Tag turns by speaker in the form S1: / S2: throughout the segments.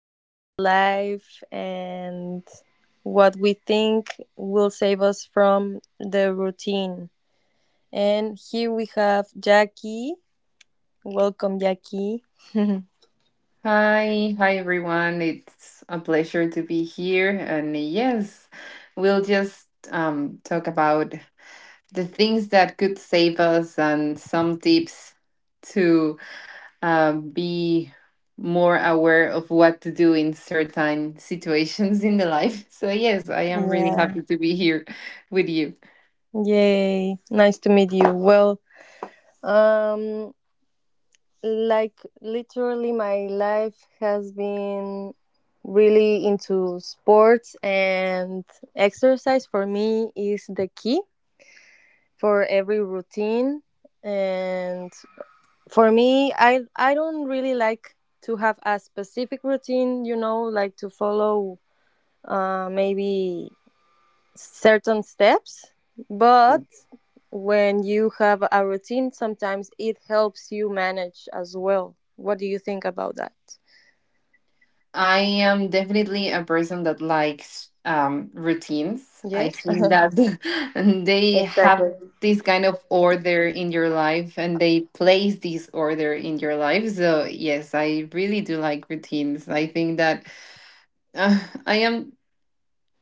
S1: quotidian life, and what we think will save us from the routine. And here we have Jackie. Welcome, Jackie.
S2: Hi, everyone. It's a pleasure to be here. And yes, we'll just talk about the things that could save us and some tips to be more aware of what to do in certain situations in the life. So, yes, I am really happy
S1: Yeah.
S2: to be here with you.
S1: Yay. Nice to meet you. Well, um, like literally my life has been really into sports, and exercise for me is the key for every routine. And for me, I don't really like to have a specific routine, you know, like to follow maybe certain steps. But when you have a routine, sometimes it helps you manage as well. What do you think about that?
S2: I am definitely a person that likes routines. I
S1: Yes.
S2: think that they have
S1: Exactly.
S2: this kind of order in your life and they place this order in your life. So, yes, I really do like routines. I think that uh, I am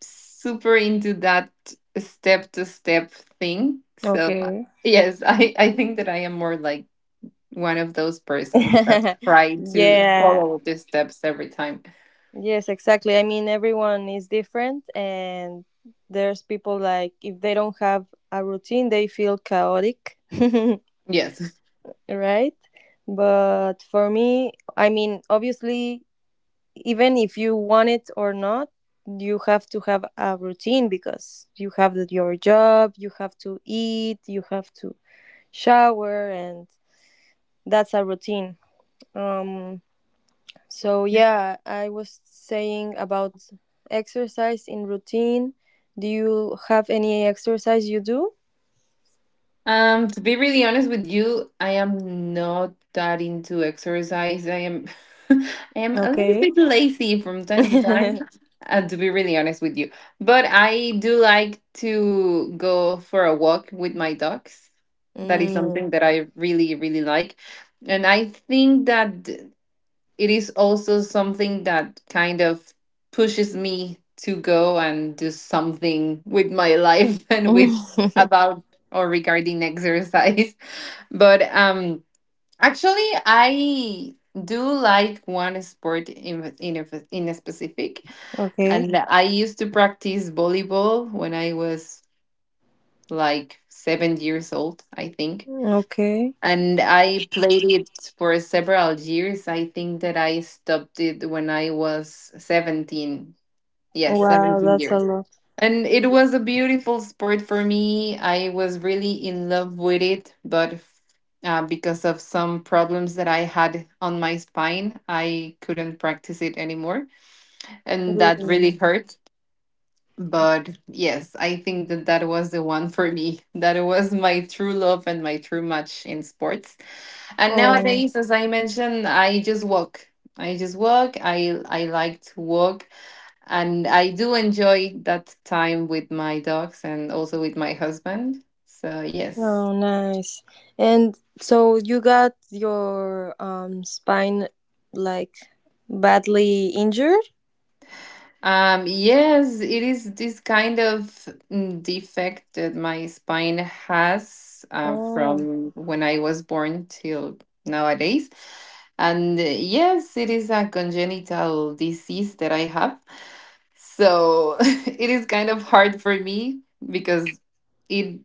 S2: super into that step to step thing. So,
S1: Okay.
S2: yes, I think that I am more like one of those persons that try to
S1: Yeah.
S2: follow the steps every time.
S1: Yes, exactly. I mean, everyone is different, and there's people, like if they don't have a routine, they feel chaotic.
S2: Yes.
S1: Right. But for me, I mean, obviously, even if you want it or not, you have to have a routine because you have your job, you have to eat, you have to shower, and that's a routine. Um so yeah, I was saying about exercise in routine. Do you have any exercise you do?
S2: To be really honest with you, I am not that into exercise. I am, I am a little
S1: Okay.
S2: bit lazy from time to time. To be really honest with you, but I do like to go for a walk with my dogs. That is
S1: Mm.
S2: something that I really, really like, and I think that it is also something that kind of pushes me to go and do something with my life and with about or regarding exercise. But actually, I do like one sport in a specific,
S1: Okay.
S2: and I used to practice volleyball when I was like 7 years old, I think,
S1: Okay.
S2: and I played it for several years. I think that I stopped it when I was 17. Yes,
S1: Wow,
S2: 17
S1: that's a
S2: years.
S1: lot.
S2: And it was a beautiful sport for me. I was really in love with it, but because of some problems that I had on my spine, I couldn't practice it anymore. And that
S1: Really.
S2: really hurt. But yes, I think that that was the one for me. That was my true love and my true match in sports. And
S1: Oh.
S2: nowadays, as I mentioned, I just walk. I just walk. I like to walk, and I do enjoy that time with my dogs and also with my husband. So yes.
S1: Oh, nice. And so you got your spine, like, badly injured?
S2: Yes, it is this kind of defect that my spine has
S1: Oh,
S2: from when I was born till nowadays. And yes, it is a congenital disease that I have. So it is kind of hard for me because it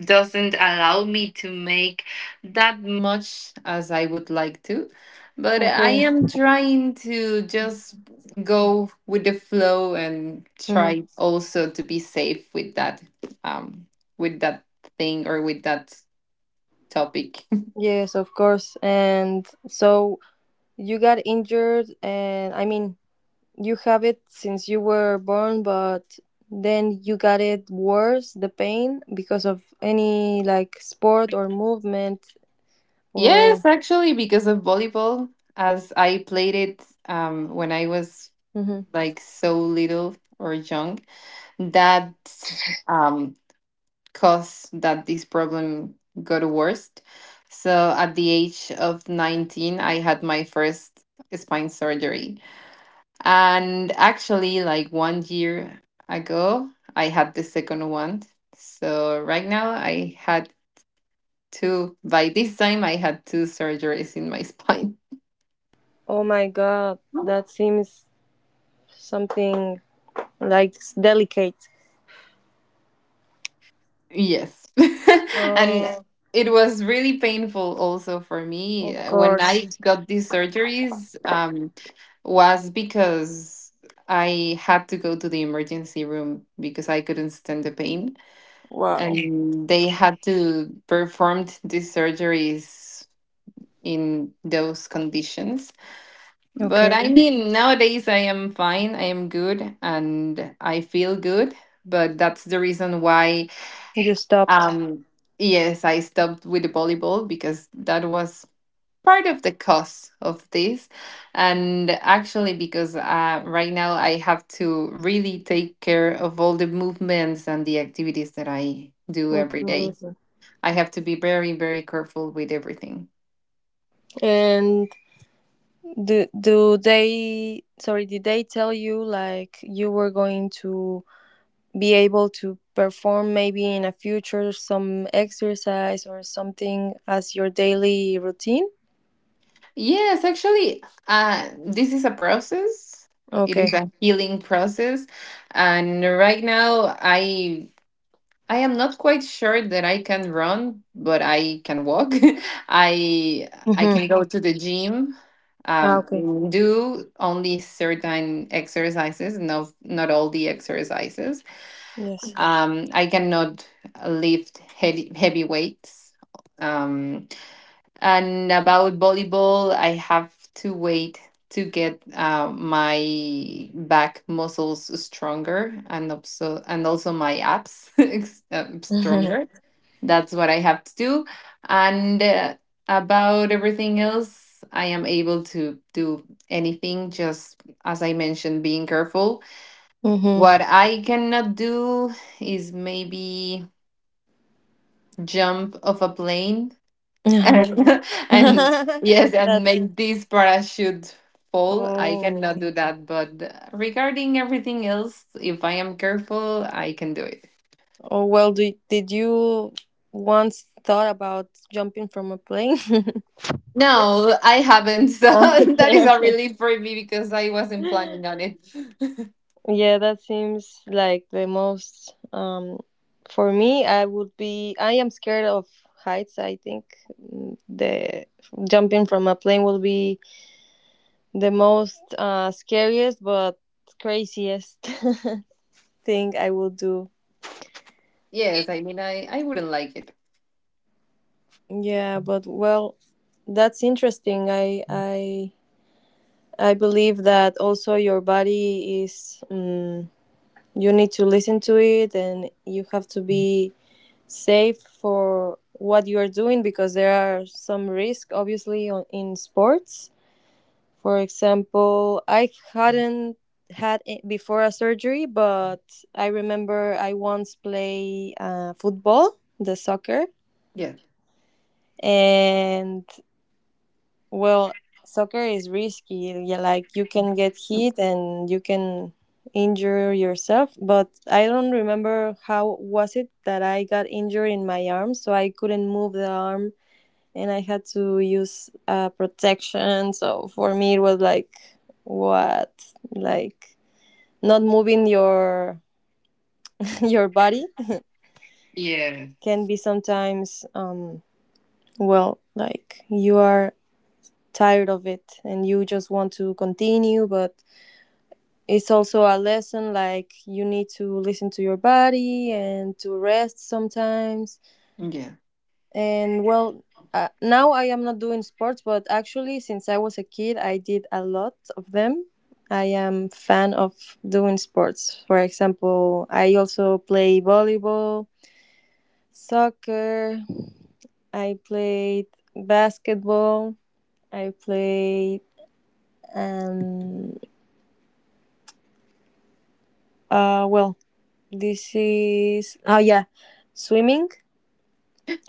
S2: doesn't allow me to make that much as I would like to. But I
S1: okay.
S2: am trying to just go with the flow and
S1: Hmm.
S2: try also to be safe um with that thing or with that topic.
S1: Yes, of course. And so you got injured, and I mean, you have it since you were born, but then you got it worse, the pain, because of any like sport or movement or.
S2: Yes, actually, because of volleyball, as I played it when I was
S1: Mhm.
S2: like so little or young, that um caused that this problem got worse. So at the age of 19, I had my first spine surgery. And actually, like 1 year ago, I had the second one. So right now, I had two. By this time, I had two surgeries in my spine.
S1: Oh my God, that seems something like it's delicate.
S2: Yes. And
S1: Oh,
S2: it was really painful also for me.
S1: of
S2: When
S1: course.
S2: I got these surgeries, was because I had to go to the emergency room because I couldn't stand the pain,
S1: Wow.
S2: and they had to perform these surgeries in those conditions. But
S1: Okay,
S2: I mean, nowadays I am fine, I am good, and I feel good. But that's the reason why,
S1: you stopped.
S2: um, yes, I stopped with the volleyball because that was part of the cause of this. And actually, because right now I have to really take care of all the movements and the activities that I do every day.
S1: Absolutely.
S2: I have to be very, very careful with everything.
S1: And do they? Sorry, did they tell you like you were going to be able to perform maybe in a future some exercise or something as your daily routine?
S2: Yes, actually, this is a process. It is
S1: Okay.
S2: a healing process, and right now, I am not quite sure that I can run, but I can walk. I I
S1: Mm-hmm.
S2: can go to the gym,
S1: Ah,
S2: um,
S1: okay.
S2: do only certain exercises, not all the exercises.
S1: Yes.
S2: I cannot lift heavy weights. Um, and about volleyball, I have to wait to get my back muscles stronger, and also my abs
S1: Mm-hmm.
S2: stronger. That's what I have to do. And about everything else, I am able to do anything. Just as I mentioned, being careful.
S1: Mm-hmm.
S2: What I cannot do is maybe jump off a plane and and yes, and
S1: That's.
S2: make this parachute fall. I
S1: Oh,
S2: cannot
S1: okay.
S2: do that, but regarding everything else, if I am careful, I can do it.
S1: Oh, well, did you once thought about jumping from a plane?
S2: No, I haven't. So
S1: Oh,
S2: that is a
S1: okay,
S2: relief for me because I wasn't
S1: okay.
S2: planning on it.
S1: Yeah, that seems like the most. For me, I would be. I am scared of heights. I think. The jumping from a plane will be the most scariest but craziest thing I will do.
S2: Yes, I mean, I wouldn't like it.
S1: Yeah, but well, that's interesting. I believe that also your body is, you need to listen to it, and you have to be safe for what you are doing because there are some risk obviously in sports. For example, I hadn't had it before a surgery, but I remember I once play football, the soccer,
S2: Yeah,
S1: and well, soccer is risky. Yeah, like you can get hit and you can injure yourself. But I don't remember how was it that I got injured in my arm, so I couldn't move the arm, and I had to use protection. So for me, it was like what, like not moving your your body
S2: yes,
S1: can be sometimes, well, like you are tired of it and you just want to continue, but it's also a lesson. Like you need to listen to your body and to rest sometimes.
S2: yeah,
S1: And well, now I am not doing sports, but actually since I was a kid I did a lot of them. I am fan of doing sports. For example, I also play volleyball, soccer, I played basketball, I played, um well, this is, oh yeah, swimming.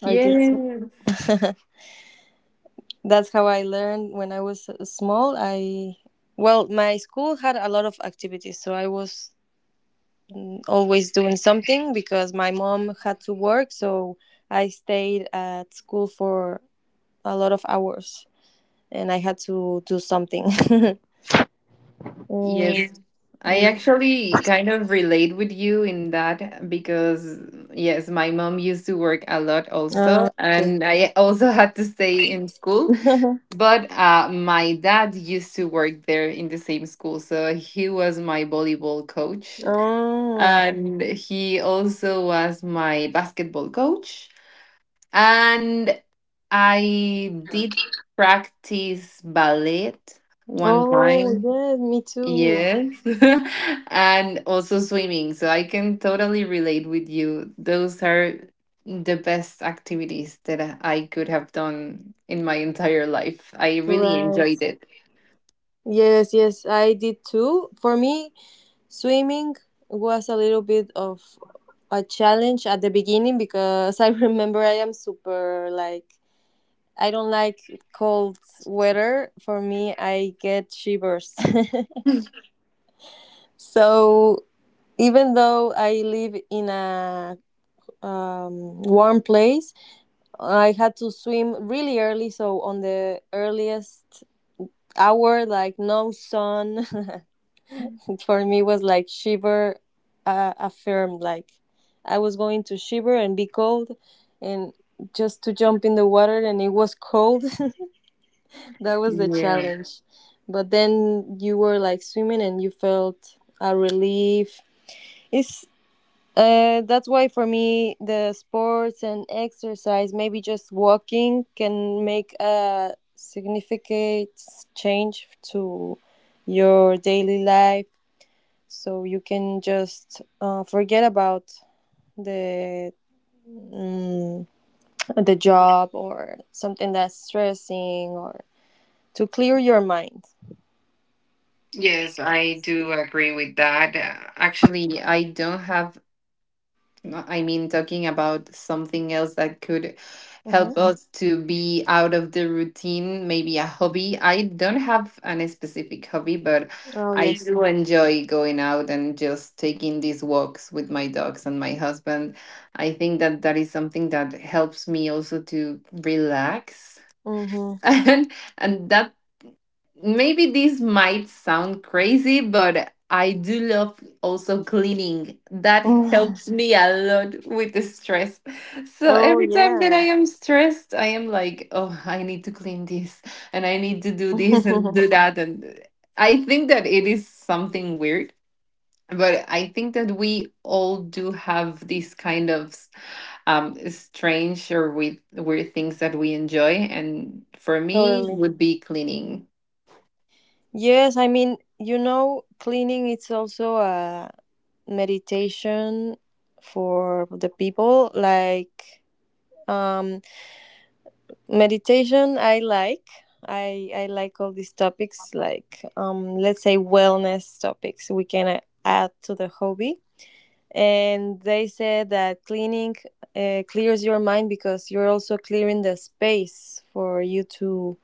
S1: I
S2: yeah.
S1: did swim. That's how I learned when I was small. I well, my school had a lot of activities, so I was always doing something because my mom had to work, so I stayed at school for a lot of hours and I had to do something.
S2: Yes,
S1: Mm,
S2: I
S1: mm.
S2: actually kind of relate with you in that because, yes, my mom used to work a lot also,
S1: Ah, okay.
S2: and I also had to stay in school. But my dad used to work there in the same school, so he was my volleyball coach,
S1: Oh.
S2: and he also was my basketball coach. And I did practice ballet one
S1: Oh,
S2: time.
S1: yes, me too.
S2: Yes. And also swimming. So I can totally relate with you. Those are the best activities that I could have done in my entire life. I really
S1: Right.
S2: enjoyed it.
S1: Yes, yes, I did too. For me, swimming was a little bit of a challenge at the beginning because I remember I am super like I don't like cold weather. For me, I get shivers. So even though I live in a warm place, I had to swim really early. So on the earliest hour, like no sun. For me was like shiver affirmed, like I was going to shiver and be cold, and just to jump in the water and it was cold. That was the
S2: Yeah.
S1: challenge. But then you were like swimming and you felt a relief. It's uh, that's why for me the sports and exercise, maybe just walking, can make a significant change to your daily life. So you can just forget about the mm, the job or something that's stressing, or to clear your mind.
S2: Yes, I do agree with that. Actually, I don't have I mean, talking about something else that could
S1: Hmm.
S2: help us to be out of the routine, maybe a hobby. I don't have an specific hobby, but
S1: Oh,
S2: I
S1: yes.
S2: do enjoy going out and just taking these walks with my dogs and my husband. I think that that is something that helps me also to relax.
S1: Hmm.
S2: And and that maybe this might sound crazy, but I do love also cleaning. That helps me a lot with the stress. So
S1: Oh,
S2: every time that I
S1: yeah.
S2: am stressed, I am like, oh, I need to clean this and I need to do this and do that. And I think that it is something weird. But I think that we all do have these kind of strange or weird, weird things that we enjoy. And for me,
S1: Totally.
S2: would be cleaning.
S1: Yes, I mean, you know, cleaning it's also a meditation for the people, like, um Meditation I like. I like all these topics, like, let's say wellness topics we can add to the hobby. And they said that cleaning clears your mind because you're also clearing the space for you to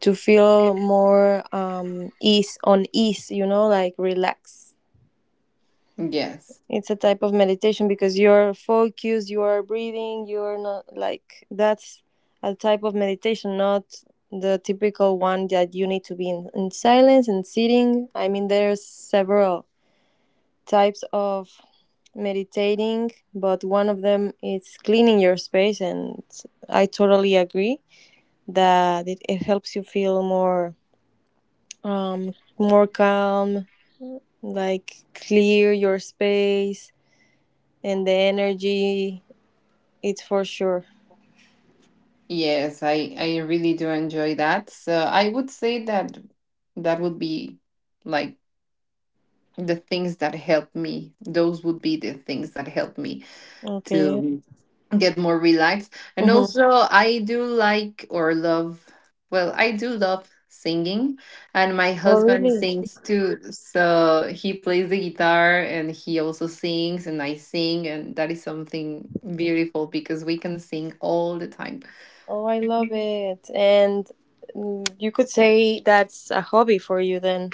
S1: to feel more ease on ease, you know, like relaxed.
S2: Yes.
S1: It's a type of meditation because you're focused, you are breathing, you're not like that's a type of meditation, not the typical one that you need to be in, silence and sitting. I mean, there's several types of meditating, but one of them is cleaning your space, and I totally agree that it helps you feel more, um more calm, like clear your space and the energy. It's for sure.
S2: Yes, I really do enjoy that. So I would say that that would be like the things that help me. Those would be the things that help me
S1: Okay.
S2: to get more relaxed. And
S1: Mm-hmm.
S2: also I do like or love, well, I do love singing, and my
S1: Oh,
S2: husband
S1: really?
S2: sings too. So he plays the guitar and he also sings and I sing, and that is something beautiful because we can sing all the time.
S1: Oh, I love it. And, you could say that's a hobby for you then,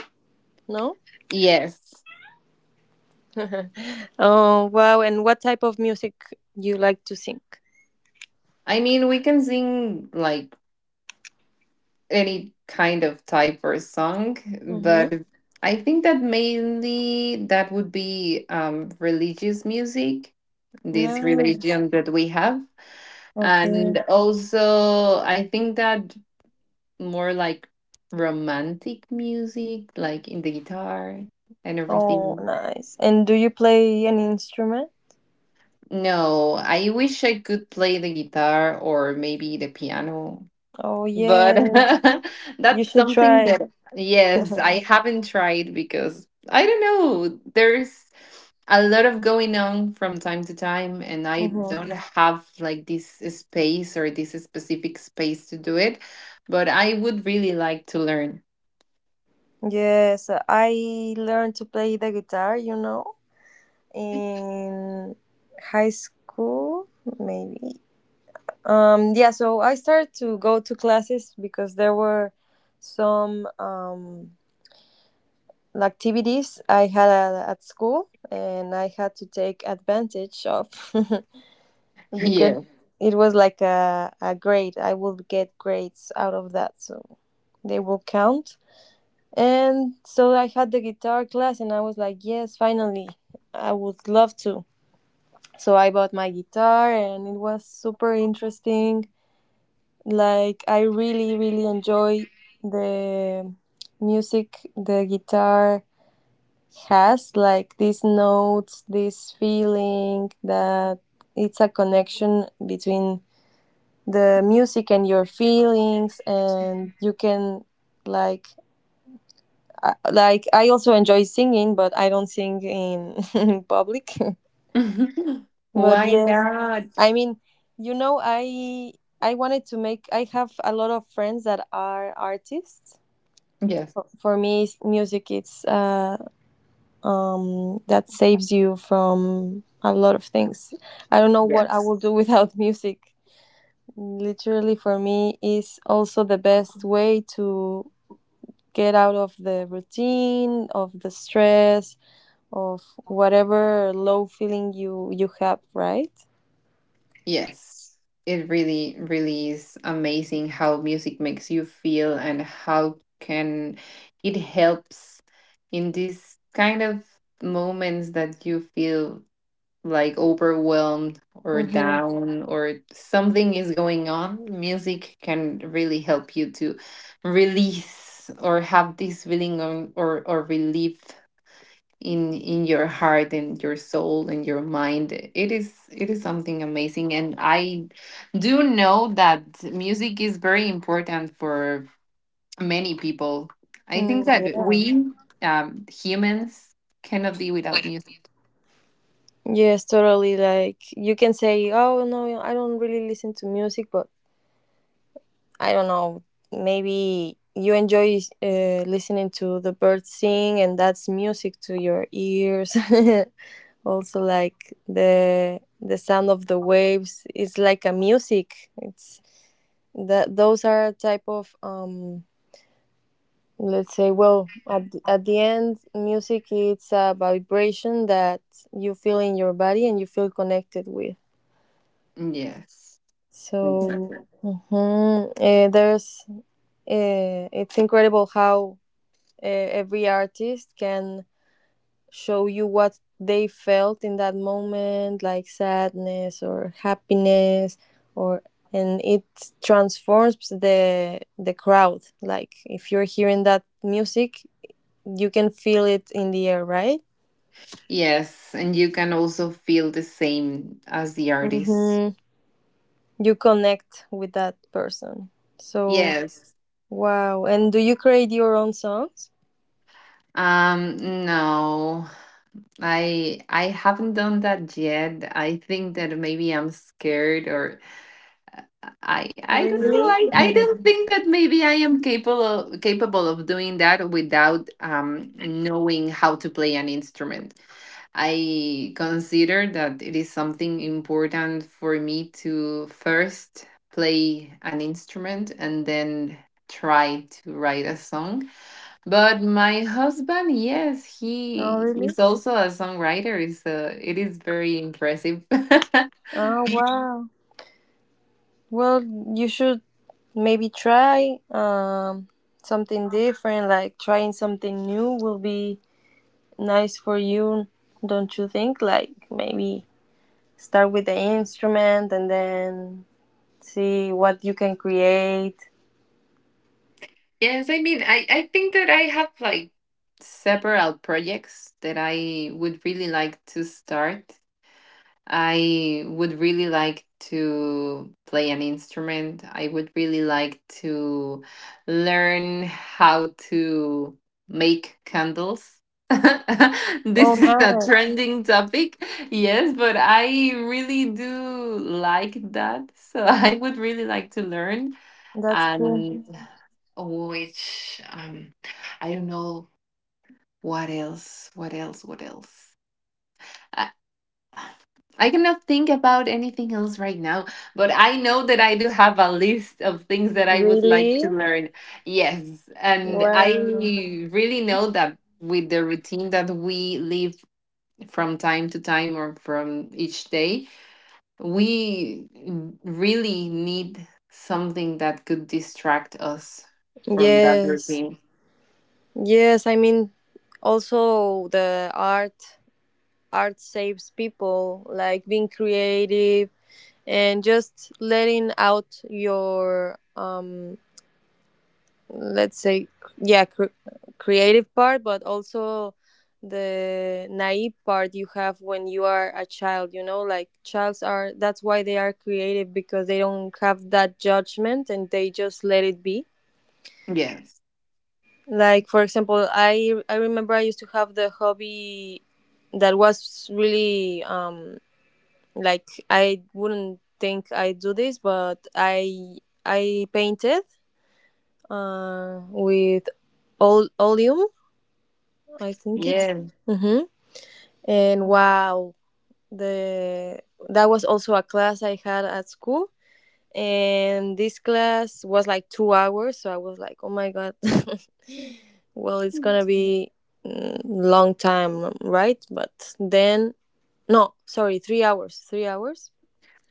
S1: no?
S2: Yes.
S1: Oh, wow. And what type of music you like to sing?
S2: I mean, we can sing like any kind of type or song,
S1: Mm-hmm.
S2: but I think that mainly that would be religious music, this
S1: Nice.
S2: religion that we have.
S1: Okay.
S2: And also, I think that more like romantic music, like in the guitar and
S1: Oh,
S2: everything.
S1: nice. And do you play any instrument?
S2: No, I wish I could play the guitar or maybe the piano,
S1: Oh,
S2: but
S1: yes. You
S2: that's
S1: should
S2: something
S1: try.
S2: that, yes, I haven't tried because I don't know, there's a lot of going on from time to time, and I
S1: Mm-hmm.
S2: don't have like this space or this specific space to do it, but I would really like to learn.
S1: Yes, I learned to play the guitar. In high school, maybe, yeah. So I started to go to classes because there were some activities I had at school, and I had to take advantage of. Because
S2: Yeah.
S1: it was like a grade, I would get grades out of that, so they will count. And so I had the guitar class and I was like, yes, finally, I would love to. So I bought my guitar and it was super interesting. Like I really really enjoy the music. The guitar has like these notes, this feeling that it's a connection between the music and your feelings, and you can like like I also enjoy singing, but I don't sing in public. But
S2: Why
S1: yes,
S2: not?
S1: I mean, you know, I wanted to make. I have a lot of friends that are artists.
S2: Yes,
S1: For me, music it's that saves you from a lot of things. I don't know what I
S2: yes.
S1: will do without music. Literally, for me, is also the best way to get out of the routine, of the stress, of whatever low feeling you have. Right.
S2: Yes, it really, really is amazing how music makes you feel and how can it helps in these kind of moments that you feel like overwhelmed or
S1: Mm-hmm.
S2: down or something is going on. Music can really help you to release or have this feeling on, or relief in your heart and your soul and your mind. It is, it is something amazing, and I do know that music is very important for many people. I think
S1: Mm,
S2: that
S1: yeah.
S2: we humans cannot be without music.
S1: Yes, totally. Like you can say, "Oh no, I don't really listen to music," but I don't know. Maybe you enjoy listening to the birds sing, and that's music to your ears. Also, like the sound of the waves is like a music. It's that those are a type of. Let's say, well, at the end, music it's a vibration that you feel in your body and you feel connected with.
S2: Yes,
S1: So
S2: exactly.
S1: mhm, eh, there's it's incredible how every artist can show you what they felt in that moment, like sadness or happiness, or and it transforms the crowd. Like if you're hearing that music, you can feel it in the air, right?
S2: Yes, and you can also feel the same as the artist.
S1: Mm-hmm. You connect with that person. So,
S2: Yes.
S1: wow! And do you create your own songs?
S2: No, I haven't done that yet. I think that maybe I'm scared or I don't know.
S1: Really?
S2: I don't think that maybe I am capable of doing that without knowing how to play an instrument. I consider that it is something important for me to first play an instrument and then try to write a song. But my husband, yes,
S1: Oh,
S2: he
S1: really?
S2: is also a songwriter, so it is very impressive.
S1: Oh, wow. Well, you should maybe try something different, like trying something new will be nice for you, don't you think? Like maybe start with the instrument and then see what you can create.
S2: Yes, I mean, I think that I have like several projects that I would really like to start. I would really like to play an instrument. I would really like to learn how to make candles.
S1: Oh,
S2: This is a
S1: nice.
S2: trending topic, yes, but I really do like that. So I would really like to learn,
S1: That's cool.
S2: and which I don't know what else, what else, what else. I I cannot think about anything else right now, but I know that I do have a list of things that I would like
S1: Really?
S2: to learn. Yes. And I
S1: Wow.
S2: really know that with the routine that we live from time to time or from each day, we really need something that could distract us from that
S1: Yes.
S2: routine.
S1: Yes, I mean, also the art saves people, like being creative and just letting out your, let's say, yeah, creative part, but also the naive part you have when you are a child, you know, like childs are, that's why they are creative because they don't have that judgment and they just let it be.
S2: Yes.
S1: Like, for example, I remember I used to have the hobby that was really, like I wouldn't think I do this, but I painted with oleum, I think it's.
S2: Yeah.
S1: Hmm. And wow, the that was also a class I had at school, and this class was like 2 hours, so I was like, oh my god, well, it's gonna be, long time, right? But then no, sorry, 3 hours, 3 hours.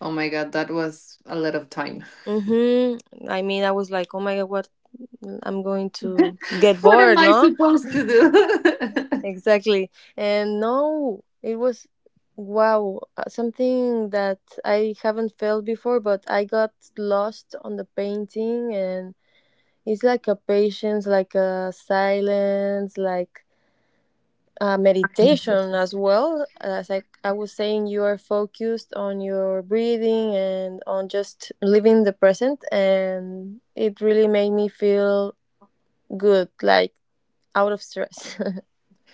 S2: Oh my God, that was a lot of time.
S1: Mm-hmm. I mean, I was like, oh my god, what? I'm going to get
S2: What am
S1: bored,
S2: I
S1: no?
S2: supposed to do?
S1: Exactly. And no, it was wow, something that I haven't felt before, but I got lost on the painting, and it's like a patience, like a silence, like meditation as well. As I was saying, you are focused on your breathing and on just living the present, and it really made me feel good, like out of stress.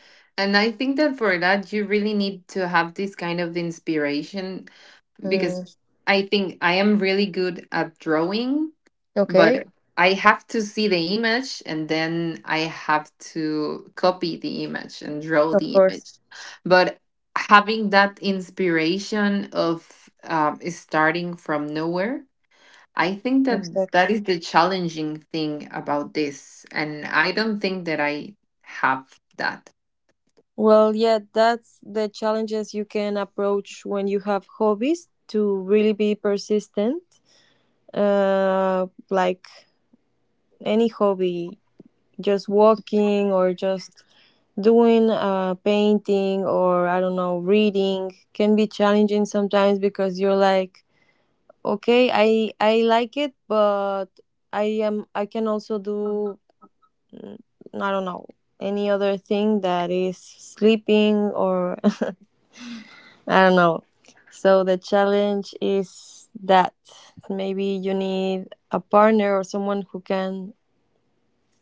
S2: And I think that for that, you really need to have this kind of inspiration
S1: Mm,
S2: because I think I am really good at drawing,
S1: okay,
S2: but I have to see the image and then I have to copy the image and draw
S1: of
S2: the
S1: course,
S2: image. But having that inspiration of starting from nowhere, I think that that
S1: exactly.
S2: is the challenging thing about this. And I don't think that I have that.
S1: Well, yeah, that's the challenges you can approach when you have hobbies to really be persistent. Like any hobby, just walking or just doing painting or I don't know reading can be challenging sometimes because you're like okay, I like it, but I can also do, I don't know, any other thing that is sleeping or I don't know, so the challenge is that maybe you need a partner or someone who can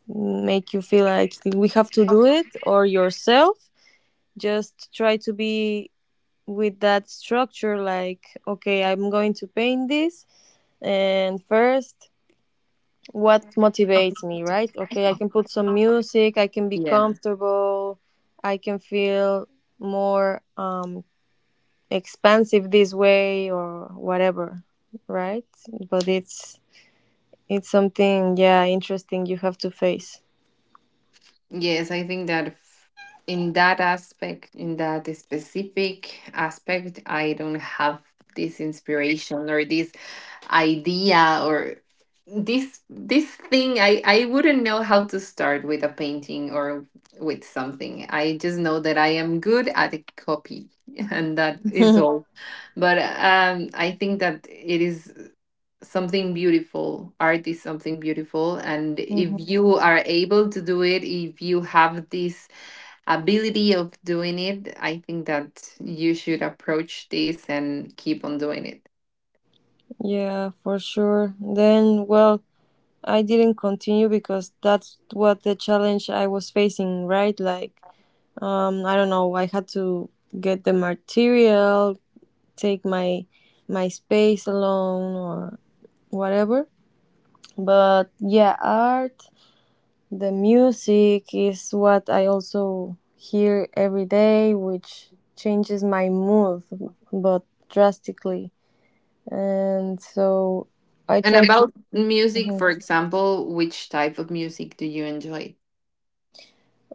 S1: make you feel like we have to do it, or yourself just try to be with that structure like okay, I'm going to paint this, and first, what motivates me, right? Okay, I can put some music, I can be
S2: Yeah.
S1: comfortable, I can feel more expansive this way or whatever, right? But it's something, yeah, interesting you have to face.
S2: Yes, I think that in that aspect, in that specific aspect, I don't have this inspiration or this idea or this thing. I wouldn't know how to start with a painting or with something. I just know that I am good at a copy and that is all. But I think that it is something beautiful. Art is something beautiful and if
S1: Mhm.
S2: you are able to do it, if you have this ability of doing it, I think that you should approach this and keep on doing it.
S1: Yeah, for sure. Then, well, I didn't continue because that's what the challenge I was facing, right? Like, I don't know, I had to get the material, take my space alone or whatever. But yeah, art, the music is what I also hear every day, which changes my mood, but drastically. And so I
S2: And
S1: try to.
S2: about music,
S1: Mhm.
S2: for example, which type of music do you enjoy?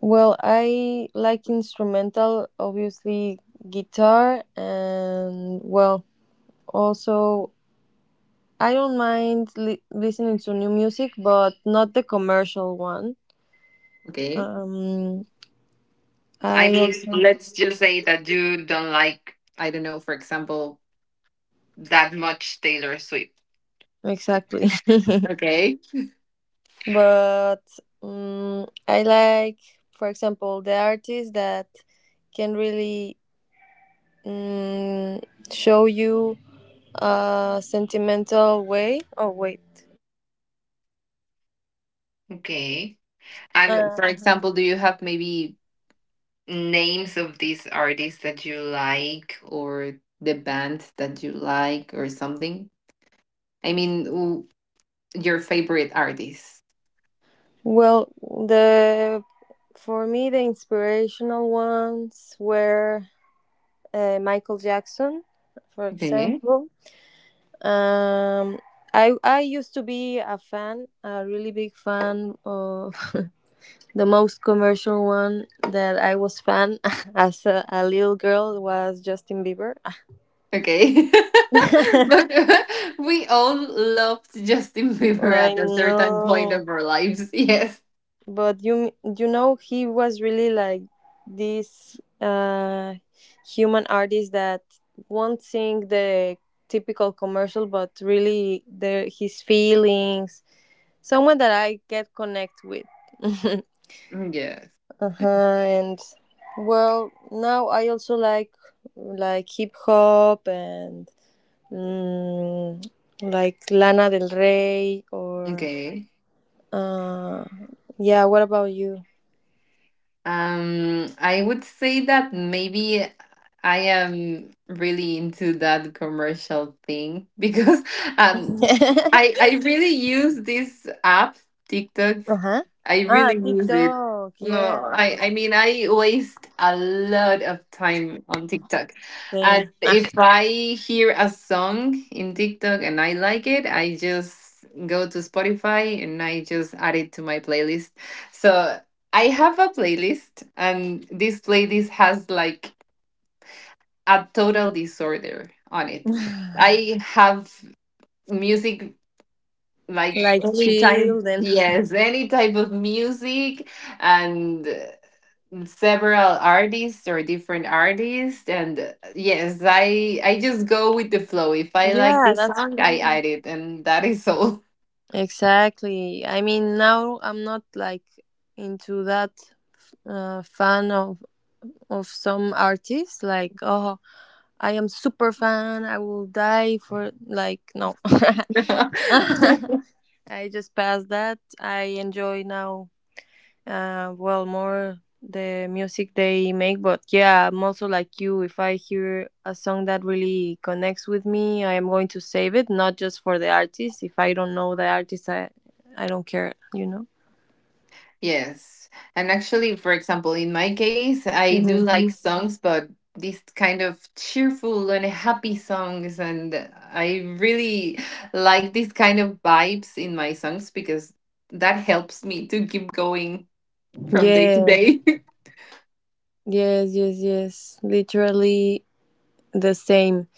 S1: Well, I like instrumental, obviously guitar, and well, also I don't mind listening to new music, but not the commercial one.
S2: Okay.
S1: Um,
S2: I
S1: I
S2: mean,
S1: also
S2: let's just say that you don't like, I don't know, for example, that much Taylor Swift.
S1: exactly,
S2: Okay.
S1: but I like, for example, the artists that can really um, show you a sentimental way. Oh wait.
S2: Okay. And
S1: Uh,
S2: for example, do you have maybe names of these artists that you like or the bands that you like or something? I mean, your favorite artist.
S1: Well, the for me the inspirational ones were Michael Jackson, for
S2: Okay.
S1: example. Um, I used to be a fan, a really big fan of the most commercial one that I was fan as a little girl was Justin Bieber.
S2: Okay. But we all loved Justin Bieber
S1: I
S2: at a certain point of
S1: know.
S2: our lives. Yes.
S1: But you you know, he was really like this human artist that won't sing the typical commercial, but really the his feelings, someone that I get connect with.
S2: Yes.
S1: Uh-huh. And well, now I also like hip hop, and mm, like Lana Del Rey or
S2: Okay.
S1: uh, yeah, what about you?
S2: I would say that maybe I am really into that commercial thing because um I I really use this app TikTok.
S1: Uh-huh.
S2: I
S1: Ah,
S2: really use it.
S1: TikTok. Yeah.
S2: No, I mean I waste a lot of time on TikTok, and
S1: Same. Ah,
S2: if I hear a song in TikTok and I like it, I just go to Spotify and I just add it to my playlist. So I have a playlist, and this playlist has like a total disorder on it. I have music like
S1: like
S2: any type.
S1: children.
S2: Yes, any type of music and several artists or different artists and yes, I just go with the flow. If I like
S1: Yeah,
S2: the
S1: that's
S2: song, I
S1: cool.
S2: add it and that is all.
S1: Exactly. I mean, now I'm not like into that fan of some artists. Like, oh, I am super fan, I will die for, like, no. I just passed that. I enjoy now, uh, well, more the music they make, but yeah, I'm also like you. If I hear a song that really connects with me, I am going to save it, not just for the artist. If I don't know the artist, I don't care, you know?
S2: Yes. And actually, for example, in my case, I do like
S1: Mhm.
S2: songs, but these kind of cheerful and happy songs. And I really like these kind of vibes in my songs because that helps me to keep going from day to
S1: Yeah,
S2: day.
S1: yes, yes, yes. Literally the same.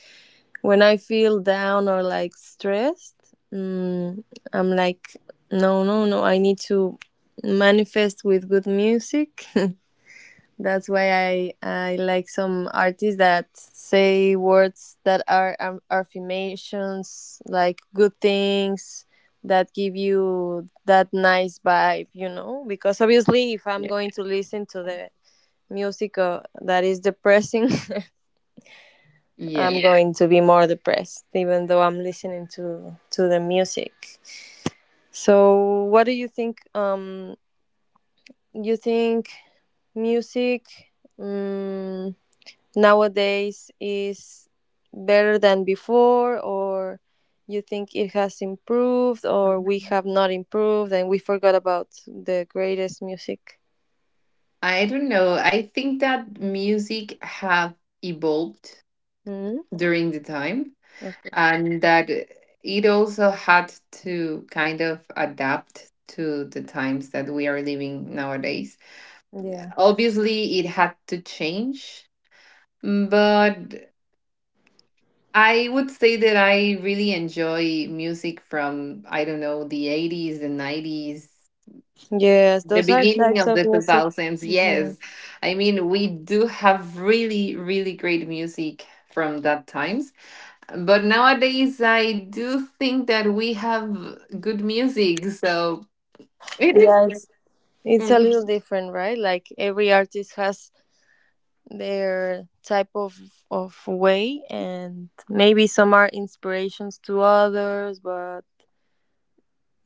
S1: When I feel down or like stressed, mm, I'm like, no, no, no, I need to manifest with good music. That's why I like some artists that say words that are affirmations, like good things that give you that nice vibe, you know? Because obviously, if I'm
S2: Yeah.
S1: going to listen to the music that is depressing, I'm
S2: Yeah.
S1: going to be more depressed, even though I'm listening to the music. So, what do you think? You think music? Um, nowadays is better than before, or you think it has improved, or we have not improved and we forgot about the greatest music?
S2: I don't know. I think that music have evolved
S1: Hmm.
S2: during the time and that it also had to kind of adapt to the times that we are living nowadays.
S1: Yeah,
S2: Obviously, it had to change, but I would say that I really enjoy music from, I don't know, the 80s, the 90s,
S1: yes,
S2: the
S1: those are
S2: beginning
S1: types
S2: of
S1: of
S2: the
S1: music.
S2: 2000s.
S1: Hmm.
S2: Yes. I mean, we do have really, really great music from that time. But nowadays, I do think that we have good music, so it is.
S1: Yeah, it's a little
S2: Mm.
S1: different, right? Like every artist has their type of way, and maybe some are inspirations to others, but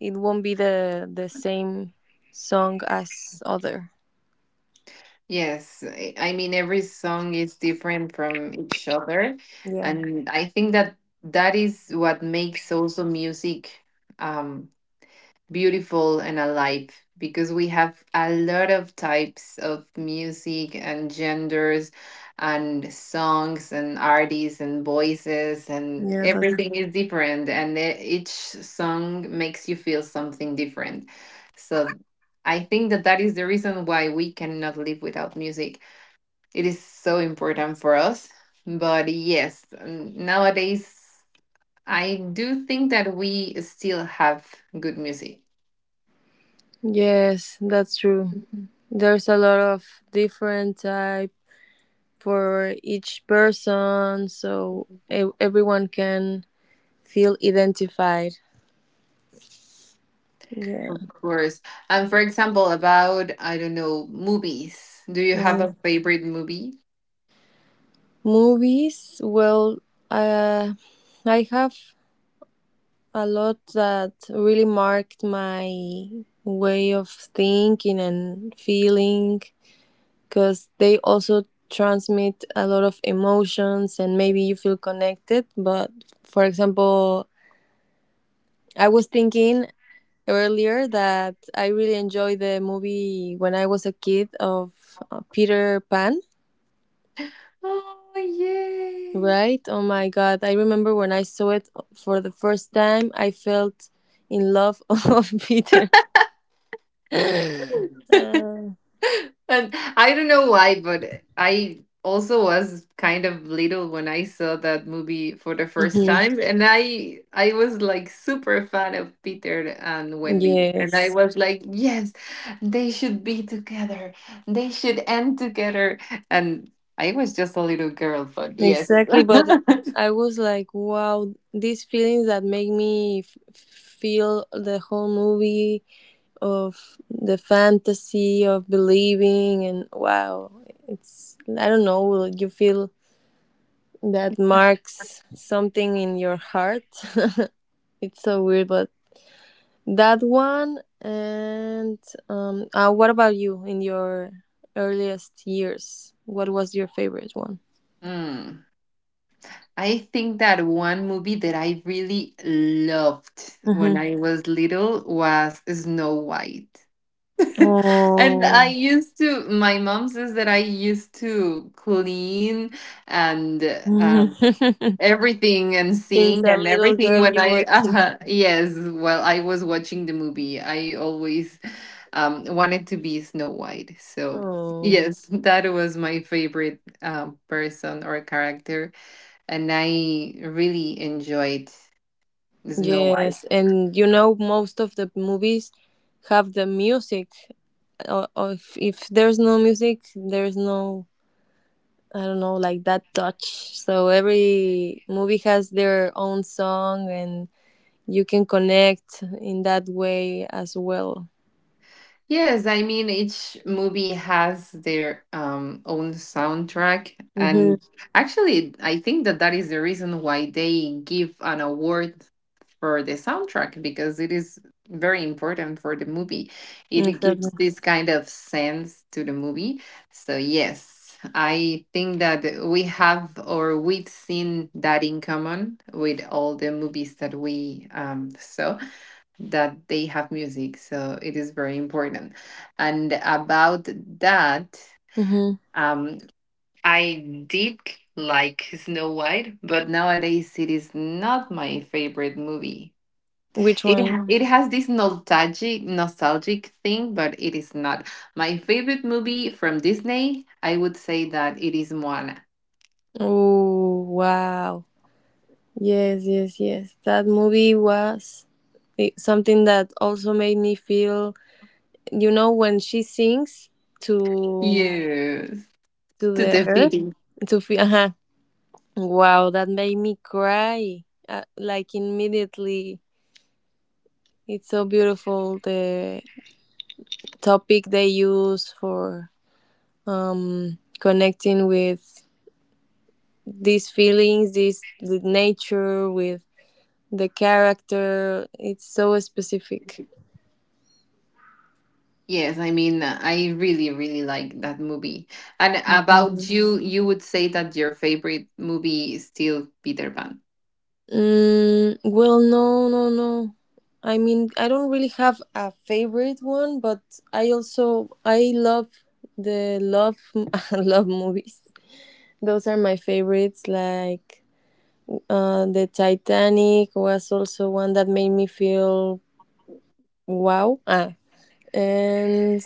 S1: it won't be the same song as other.
S2: Yes, I mean, every song is different from each other,
S1: Yeah.
S2: and I think that that is what makes also music um, beautiful and alive because we have a lot of types of music and genders and songs and artists and voices and
S1: Yeah, that's
S2: everything is different and each song makes you feel something different. So I think that that is the reason why we cannot live without music. It is so important for us. But yes, nowadays I do think that we still have good music.
S1: yes, that's true. There's a lot of different type for each person, so everyone can feel identified. Yeah.
S2: Course. And for example, about, I don't know, movies. Do you have a
S1: Mm.
S2: favorite movie?
S1: Movies, well, uh, I have a lot that really marked my way of thinking and feeling because they also transmit a lot of emotions, and maybe you feel connected. But for example, I was thinking earlier that I really enjoyed the movie when I was a kid of Peter Pan,
S2: Oh, yay.
S1: right? Oh my God. I remember when I saw it for the first time, I felt in love of Peter. Uh,
S2: And I don't know why, but I also was kind of little when I saw that movie for the first
S1: mhm.
S2: time. And I was like super fan of Peter and Wendy. And I
S1: Yes.
S2: was like, yes, they should be together. They should end together. And I was just a little girl, but yes.
S1: Exactly, but I was like, wow, these feelings that make me feel the whole movie of the fantasy of believing, and wow, it's I don't know, you feel that marks something in your heart. It's so weird, but that one. And what about you in your earliest years? What was your favorite one?
S2: Hmm. I think that one movie that I really loved when
S1: Mm-hmm.
S2: I was little was Snow White. And I
S1: Oh.
S2: used to, my mom says that I used to clean and
S1: Since
S2: everything and sing
S1: a
S2: and
S1: little
S2: everything
S1: girl,
S2: when
S1: you
S2: I,
S1: were king.
S2: yes, while I was watching the movie. I always wanted to be Snow White. So
S1: Oh,
S2: yes, that was my favorite person or character and I really enjoyed Snow White.
S1: yes. And you know, most of the movies have the music. Or if there's no music, there's no, I don't know, like that touch. So every movie has their own song, and you can connect in that way as well.
S2: Yes, I mean each movie has their own soundtrack,
S1: Mm-hmm.
S2: and actually, I think that that is the reason why they give an award for the soundtrack because it is very important for the movie. It
S1: Exactly.
S2: gives this kind of sense to the movie. So yes, I think that we have or we've seen that in common with all the movies that we saw that they have music. So it is very important. And about that,
S1: Mm-hmm.
S2: um, I did like Snow White, but nowadays it is not my favorite movie.
S1: Which
S2: It
S1: one?
S2: it has this nostalgic thing, but it is not my favorite movie from Disney. I would say that it is Moana.
S1: Oh, wow. Yes, yes, yes. That movie was it, something that also made me feel, you know, when she sings to
S2: Yes, to
S1: the
S2: the.
S1: earth to feel uh, wow, that made me cry, like immediately. It's so beautiful, the topic they use for um, connecting with these feelings, this the nature with the character. It's so specific.
S2: Yes, I mean, I really, really like that movie. And about you, you would say that your favorite movie is still Peter Pan.
S1: Mm, well, no, no, no. I mean, I don't really have a favorite one, but I also I love the love love movies. Those are my favorites. Like the Titanic was also one that made me feel wow. Ah, and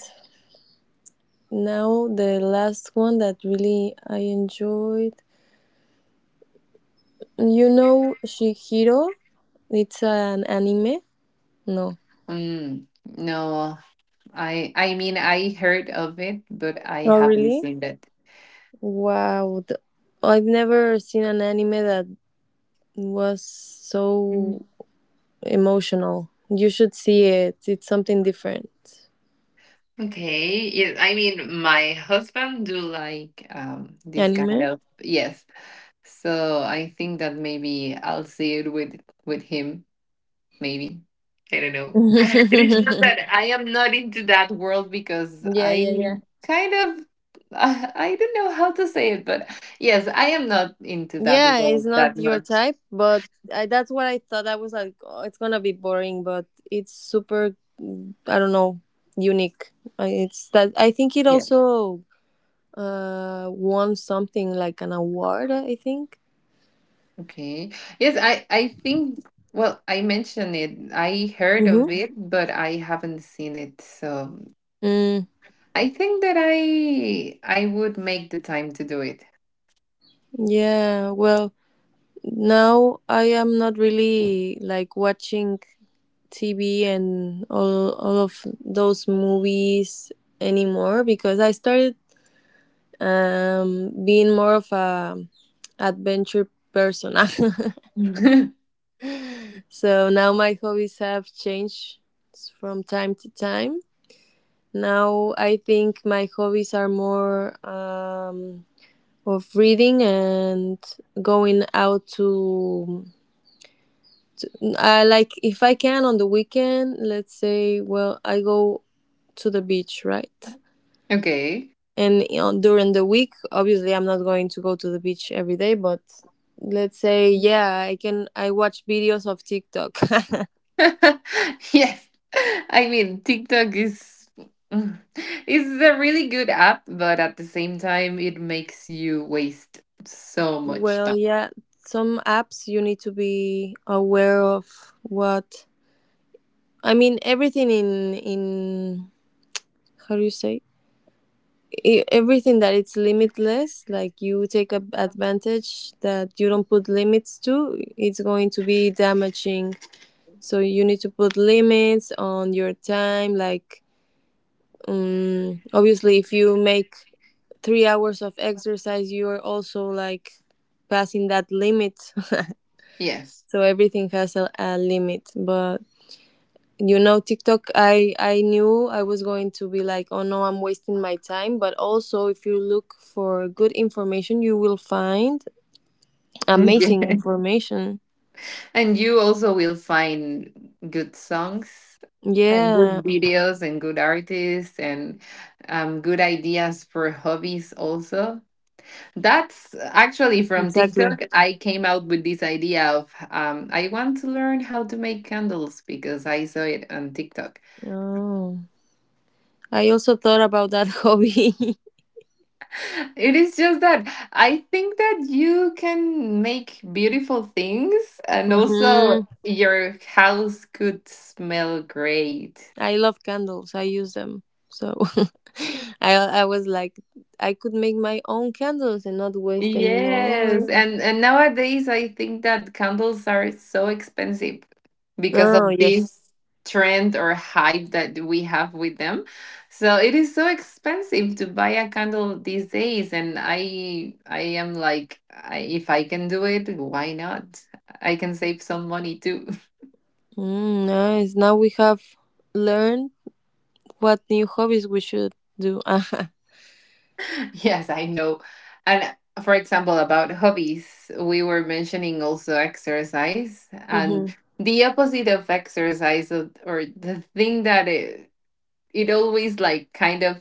S1: now the last one that really I enjoyed. You know, Shihiro. It's an anime. No.
S2: Mm, no, I mean, I heard of it, but I
S1: Oh,
S2: haven't
S1: really?
S2: seen it.
S1: Wow, I've never seen an anime that was
S2: Mm.
S1: so emotional. You should see it. It's something different.
S2: Okay. Yes, I mean, my husband do like this kind
S1: Anime?
S2: of yes. So I think that maybe I'll see it with him. Maybe I don't know. It is just
S1: Yeah,
S2: that I am not into that world because
S1: yeah,
S2: I
S1: yeah.
S2: kind of I don't know how to say it, but yes, I am not into that
S1: Yeah, it's
S2: world that
S1: not your
S2: much.
S1: type, but I, that's what I thought. I was like, oh, it's gonna be boring, but it's super, I don't know, unique. It's that I think it
S2: Yeah.
S1: also uh, won something like an award, I think.
S2: Okay. Yes, I think. Well, I mentioned it. I heard
S1: Mm-hmm.
S2: of it, but I haven't seen it. So
S1: Mm,
S2: I think that I would make the time to do it.
S1: yeah. Well, now I am not really like watching TV and all of those movies anymore because I started being more of a adventure person. So now my hobbies have changed from time to time. Now I think my hobbies are more um, of reading and going out to I like if I can on the weekend, let's say, well, I go to the beach, right?
S2: Okay.
S1: And you know, during the week, obviously, I'm not going to go to the beach every day, but let's say, yeah, I can. I watch videos of TikTok.
S2: Yes. I mean, TikTok is is a really good app, but at the same time, it makes you waste so much
S1: Well,
S2: time.
S1: yeah, some apps you need to be aware of what I mean, everything in how do you say, everything that it's limitless, like you take a advantage that you don't put limits to, it's going to be damaging, so you need to put limits on your time, like obviously if you make 3 hours of exercise, you're also like passing that limit.
S2: Yes.
S1: So everything has a limit, but you know TikTok, I knew I was going to be like, oh no, I'm wasting my time, but also if you look for good information, you will find
S2: Yeah.
S1: amazing information.
S2: And you also will find good songs and
S1: Yeah,
S2: good videos and good artists and good ideas for hobbies also. That's actually from
S1: exactly.
S2: TikTok. I came out with this idea of I want to learn how to make candles because I saw it on TikTok.
S1: Oh, I also thought about that hobby.
S2: It is just that I think that you can make beautiful things and
S1: Mm-hmm.
S2: also your house could smell great.
S1: I love candles, I use them, so I was like, I could make my own candles and not waste
S2: Yes,
S1: anymore.
S2: and nowadays I think that candles are so expensive because
S1: Oh,
S2: of
S1: yes.
S2: this trend or hype that we have with them. So it is so expensive to buy a candle these days, and I am like, I, if I can do it, why not? I can save some money too.
S1: Mm, nice, now we have learned what new hobbies we should do.
S2: Yes, I know. And for example, about hobbies, we were mentioning also exercise and
S1: Hmm.
S2: the opposite of exercise of, or the thing that it always like kind of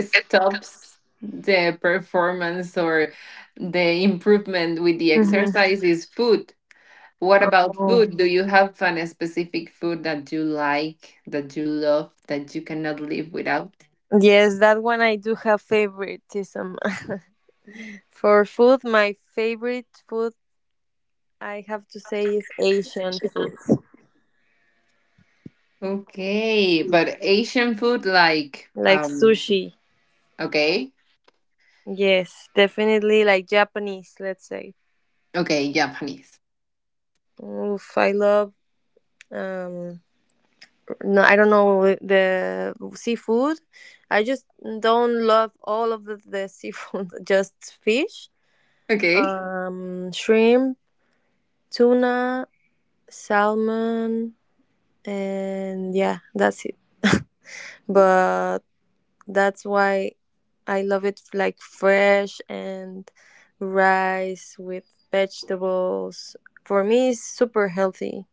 S2: stops the performance or the improvement with the
S1: Hmm.
S2: exercise is food. What about
S1: Oh.
S2: food? Do you have an specific food that you like, that you love, that you cannot live without?
S1: Yes, that one I do have favoritism. For food, my favorite food I have to say is Asian food,
S2: Okay, but Asian food like
S1: like sushi.
S2: okay.
S1: Yes, definitely like Japanese, let's say.
S2: Okay, Japanese.
S1: Oof, I love um, no I don't know the seafood. I just don't love all of the seafood, just fish,
S2: Okay.
S1: um, shrimp, tuna, salmon, and yeah, that's it. But that's why I love it like fresh, and rice with vegetables. For me, it's super healthy.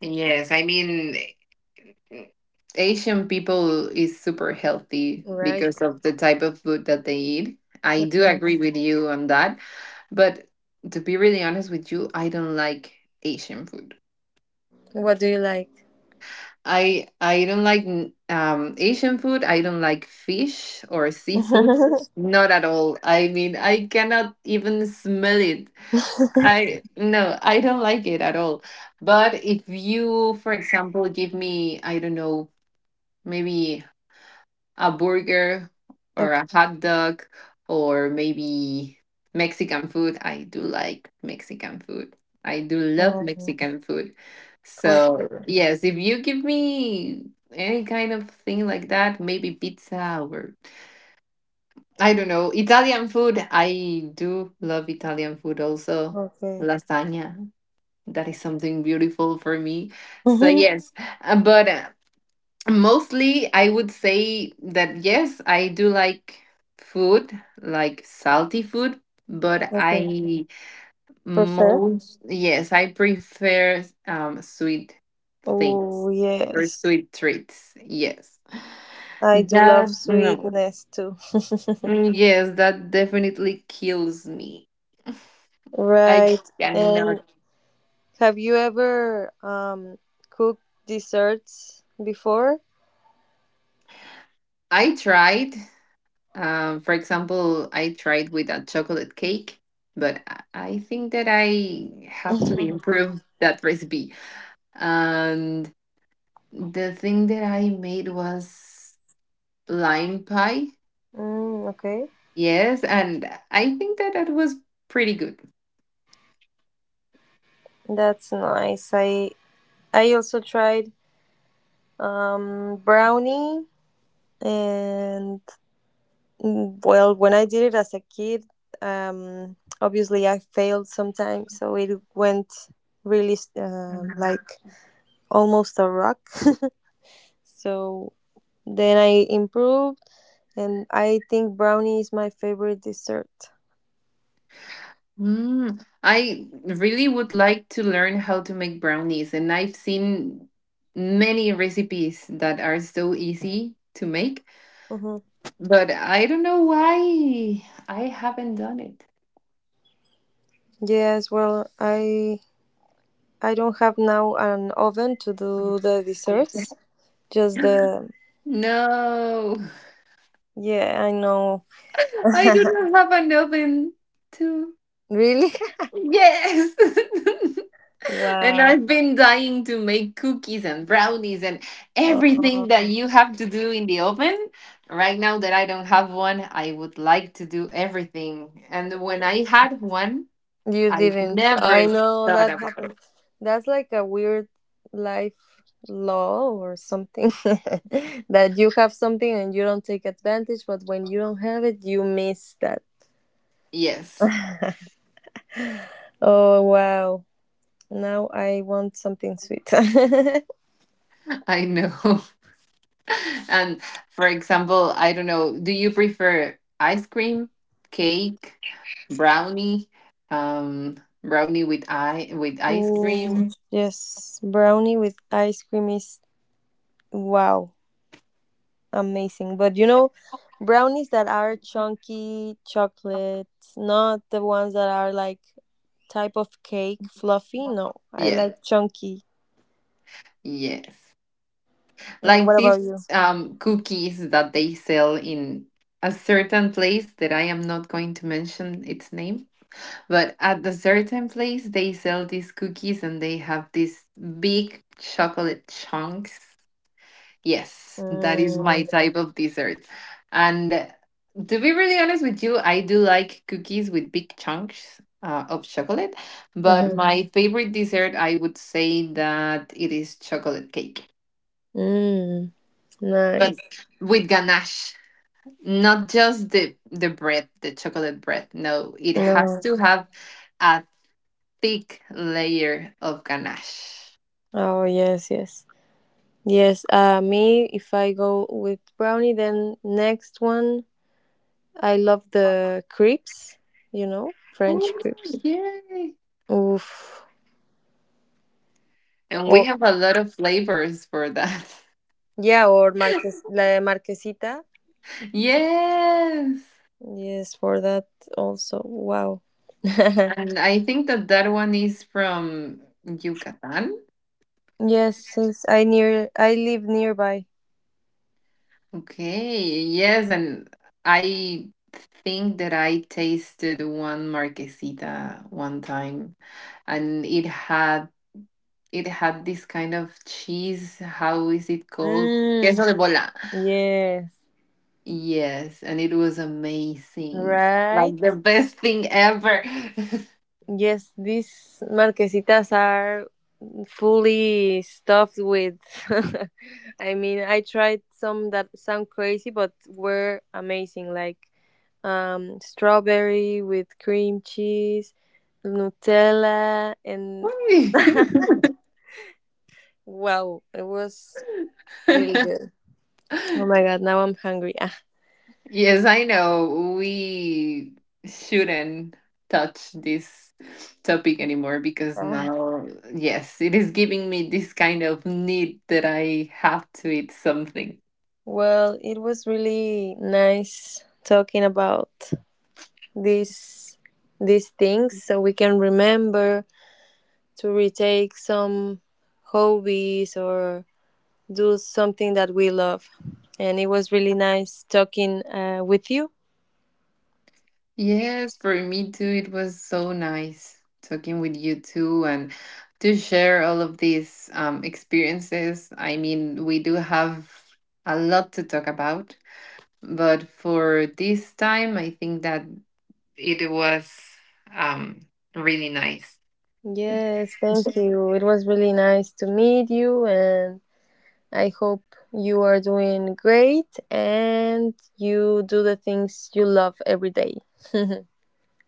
S2: Yes, I mean eh, Asian people is super healthy
S1: Right.
S2: because of the type of food that they eat. I do agree
S1: Mhm.
S2: with you on that, but to be really honest with you, I don't like Asian food.
S1: What do you like?
S2: I don't like Asian food. I don't like fish or seafood. Not at all. I mean, I cannot even smell it. I no, I don't like it at all. But if you, for example, give me, I don't know, maybe a burger or
S1: Okay.
S2: a hot dog or maybe Mexican food, I do like Mexican food. I do love
S1: Um,
S2: Mexican food.
S1: for
S2: So,
S1: sure.
S2: yes, if you give me any kind of thing like that, maybe pizza or I don't know, Italian food, I do love Italian food also.
S1: Okay.
S2: Lasagna, that is something beautiful for me. So
S1: Mhm.
S2: yes, but mostly I would say that yes I do like food, like salty food, but
S1: Okay.
S2: I
S1: Prefer?
S2: most yes I prefer sweet things
S1: Oh,
S2: or
S1: yes.
S2: sweet treats. Yes,
S1: I do love
S2: that no.
S1: sweetness too.
S2: Mm, yes, that definitely kills me. I
S1: Right.
S2: cannot.
S1: And have you ever um, cooked desserts before?
S2: I tried. For example, I tried with a chocolate cake, but I think that I have to improve that recipe. And the thing that I made was lime pie.
S1: Mm, okay.
S2: Yes, and I think that that was pretty good.
S1: That's nice. I also tried um, brownie, and mm, well, when I did it as a kid, um obviously I failed sometimes, so it went really um, like almost a rock. So then I improved, and I think brownie is my favorite dessert.
S2: Mm, I really would like to learn how to make brownies, and I've seen many recipes that are so easy to make,
S1: Hmm.
S2: but I don't know why I haven't done it.
S1: Yes, well, I don't have now an oven to do the desserts. Just the
S2: No,
S1: yeah, I know.
S2: I do not have an oven too.
S1: Really?
S2: Yes. And
S1: Wow.
S2: I've been dying to make cookies and brownies and everything that
S1: Uh,
S2: you have to do in the oven. Right now that I don't have one, I would like to do everything. And when I had one,
S1: you
S2: I
S1: didn't. I
S2: never
S1: know
S2: thought
S1: that
S2: about
S1: happened.
S2: it.
S1: That's like a weird life law or something that you have something and you don't take advantage, but when you don't have it, you miss that.
S2: Yes.
S1: Oh, wow. Now I want something sweet.
S2: I know. And for example, I don't know, do you prefer ice cream, cake, brownie, um, brownie with I with ice
S1: Oh,
S2: cream?
S1: yes, brownie with ice cream is wow, amazing. But you know, brownies that are chunky chocolates, not the ones that are like type of cake, fluffy. No, I
S2: Yes,
S1: like chunky.
S2: yes.
S1: And
S2: Like
S1: what
S2: these
S1: about you?
S2: cookies that they sell in a certain place that I am not going to mention its name, but at the certain place they sell these cookies and they have these big chocolate chunks. Yes, that is my
S1: Mm,
S2: type of dessert. And to be really honest with you, I do like cookies with big chunks of chocolate, but
S1: uh-huh.
S2: my favorite dessert, I would say that it is chocolate cake,
S1: Mm, nice.
S2: but with ganache. Not just the bread, the chocolate bread. No, it has
S1: No.
S2: to have a thick layer of ganache.
S1: Oh, yes, yes. Yes, me, if I go with brownie, then next one I love the crepes, you know, French
S2: Oh,
S1: crepes.
S2: yay!
S1: Oof.
S2: And we
S1: Or
S2: have a lot of flavors for that.
S1: yeah, or Marques La Marquesita.
S2: Yes.
S1: Yes, for that also. Wow. Yes,
S2: And I think that that one is from Yucatan.
S1: since I near I live nearby.
S2: Okay. Yes. And I think that I tasted one marquesita one time and it had this kind of cheese. How is it called?
S1: Mm,
S2: Queso de bola.
S1: yes.
S2: Yes, and it was amazing. Like
S1: Right.
S2: the best thing ever.
S1: Yes, these marquesitas are fully stuffed with. I mean, I tried some that sound crazy, but were amazing. Like strawberry with cream cheese, Nutella, and wow, it was really
S2: Why?
S1: good. Oh my god, now I'm hungry. Ah.
S2: Yes, I know we shouldn't touch this topic anymore because
S1: Ah.
S2: now, yes, it is giving me this kind of need that I have to eat something.
S1: Well, it was really nice talking about these these things so we can remember to retake some hobbies or do something that we love. And it was really nice talking with you.
S2: Yes, for me too, it was so nice talking with you too and to share all of these experiences. I mean, we do have a lot to talk about, but for this time, I think that it was um, really nice.
S1: Yes, thank you. It was really nice to meet you, and I hope you are doing great and you do the things you love every day.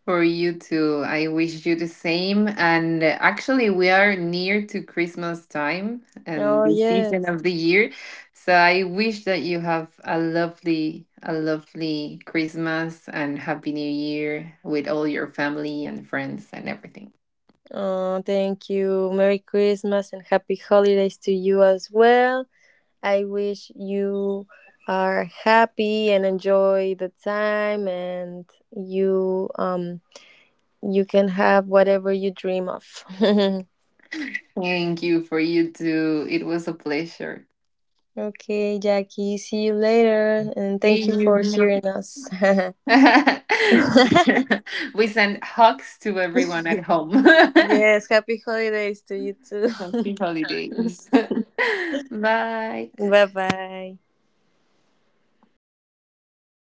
S2: For you too. I wish you the same. And actually, we are near to Christmas time
S1: Oh,
S2: and the season
S1: yes.
S2: of the year. So I wish that you have a lovely Christmas and Happy New Year with all your family and friends and everything.
S1: Oh, thank you. Merry Christmas and happy holidays to you as well. I wish you are happy and enjoy the time, and you um, you can have whatever you dream of.
S2: Thank you for you too. It was a pleasure.
S1: Okay, Jackie, see you later. And
S2: See
S1: thank you for
S2: you.
S1: hearing us.
S2: We send hugs to everyone at home.
S1: Yes, happy holidays to you too.
S2: Happy holidays. Bye.
S1: Bye bye.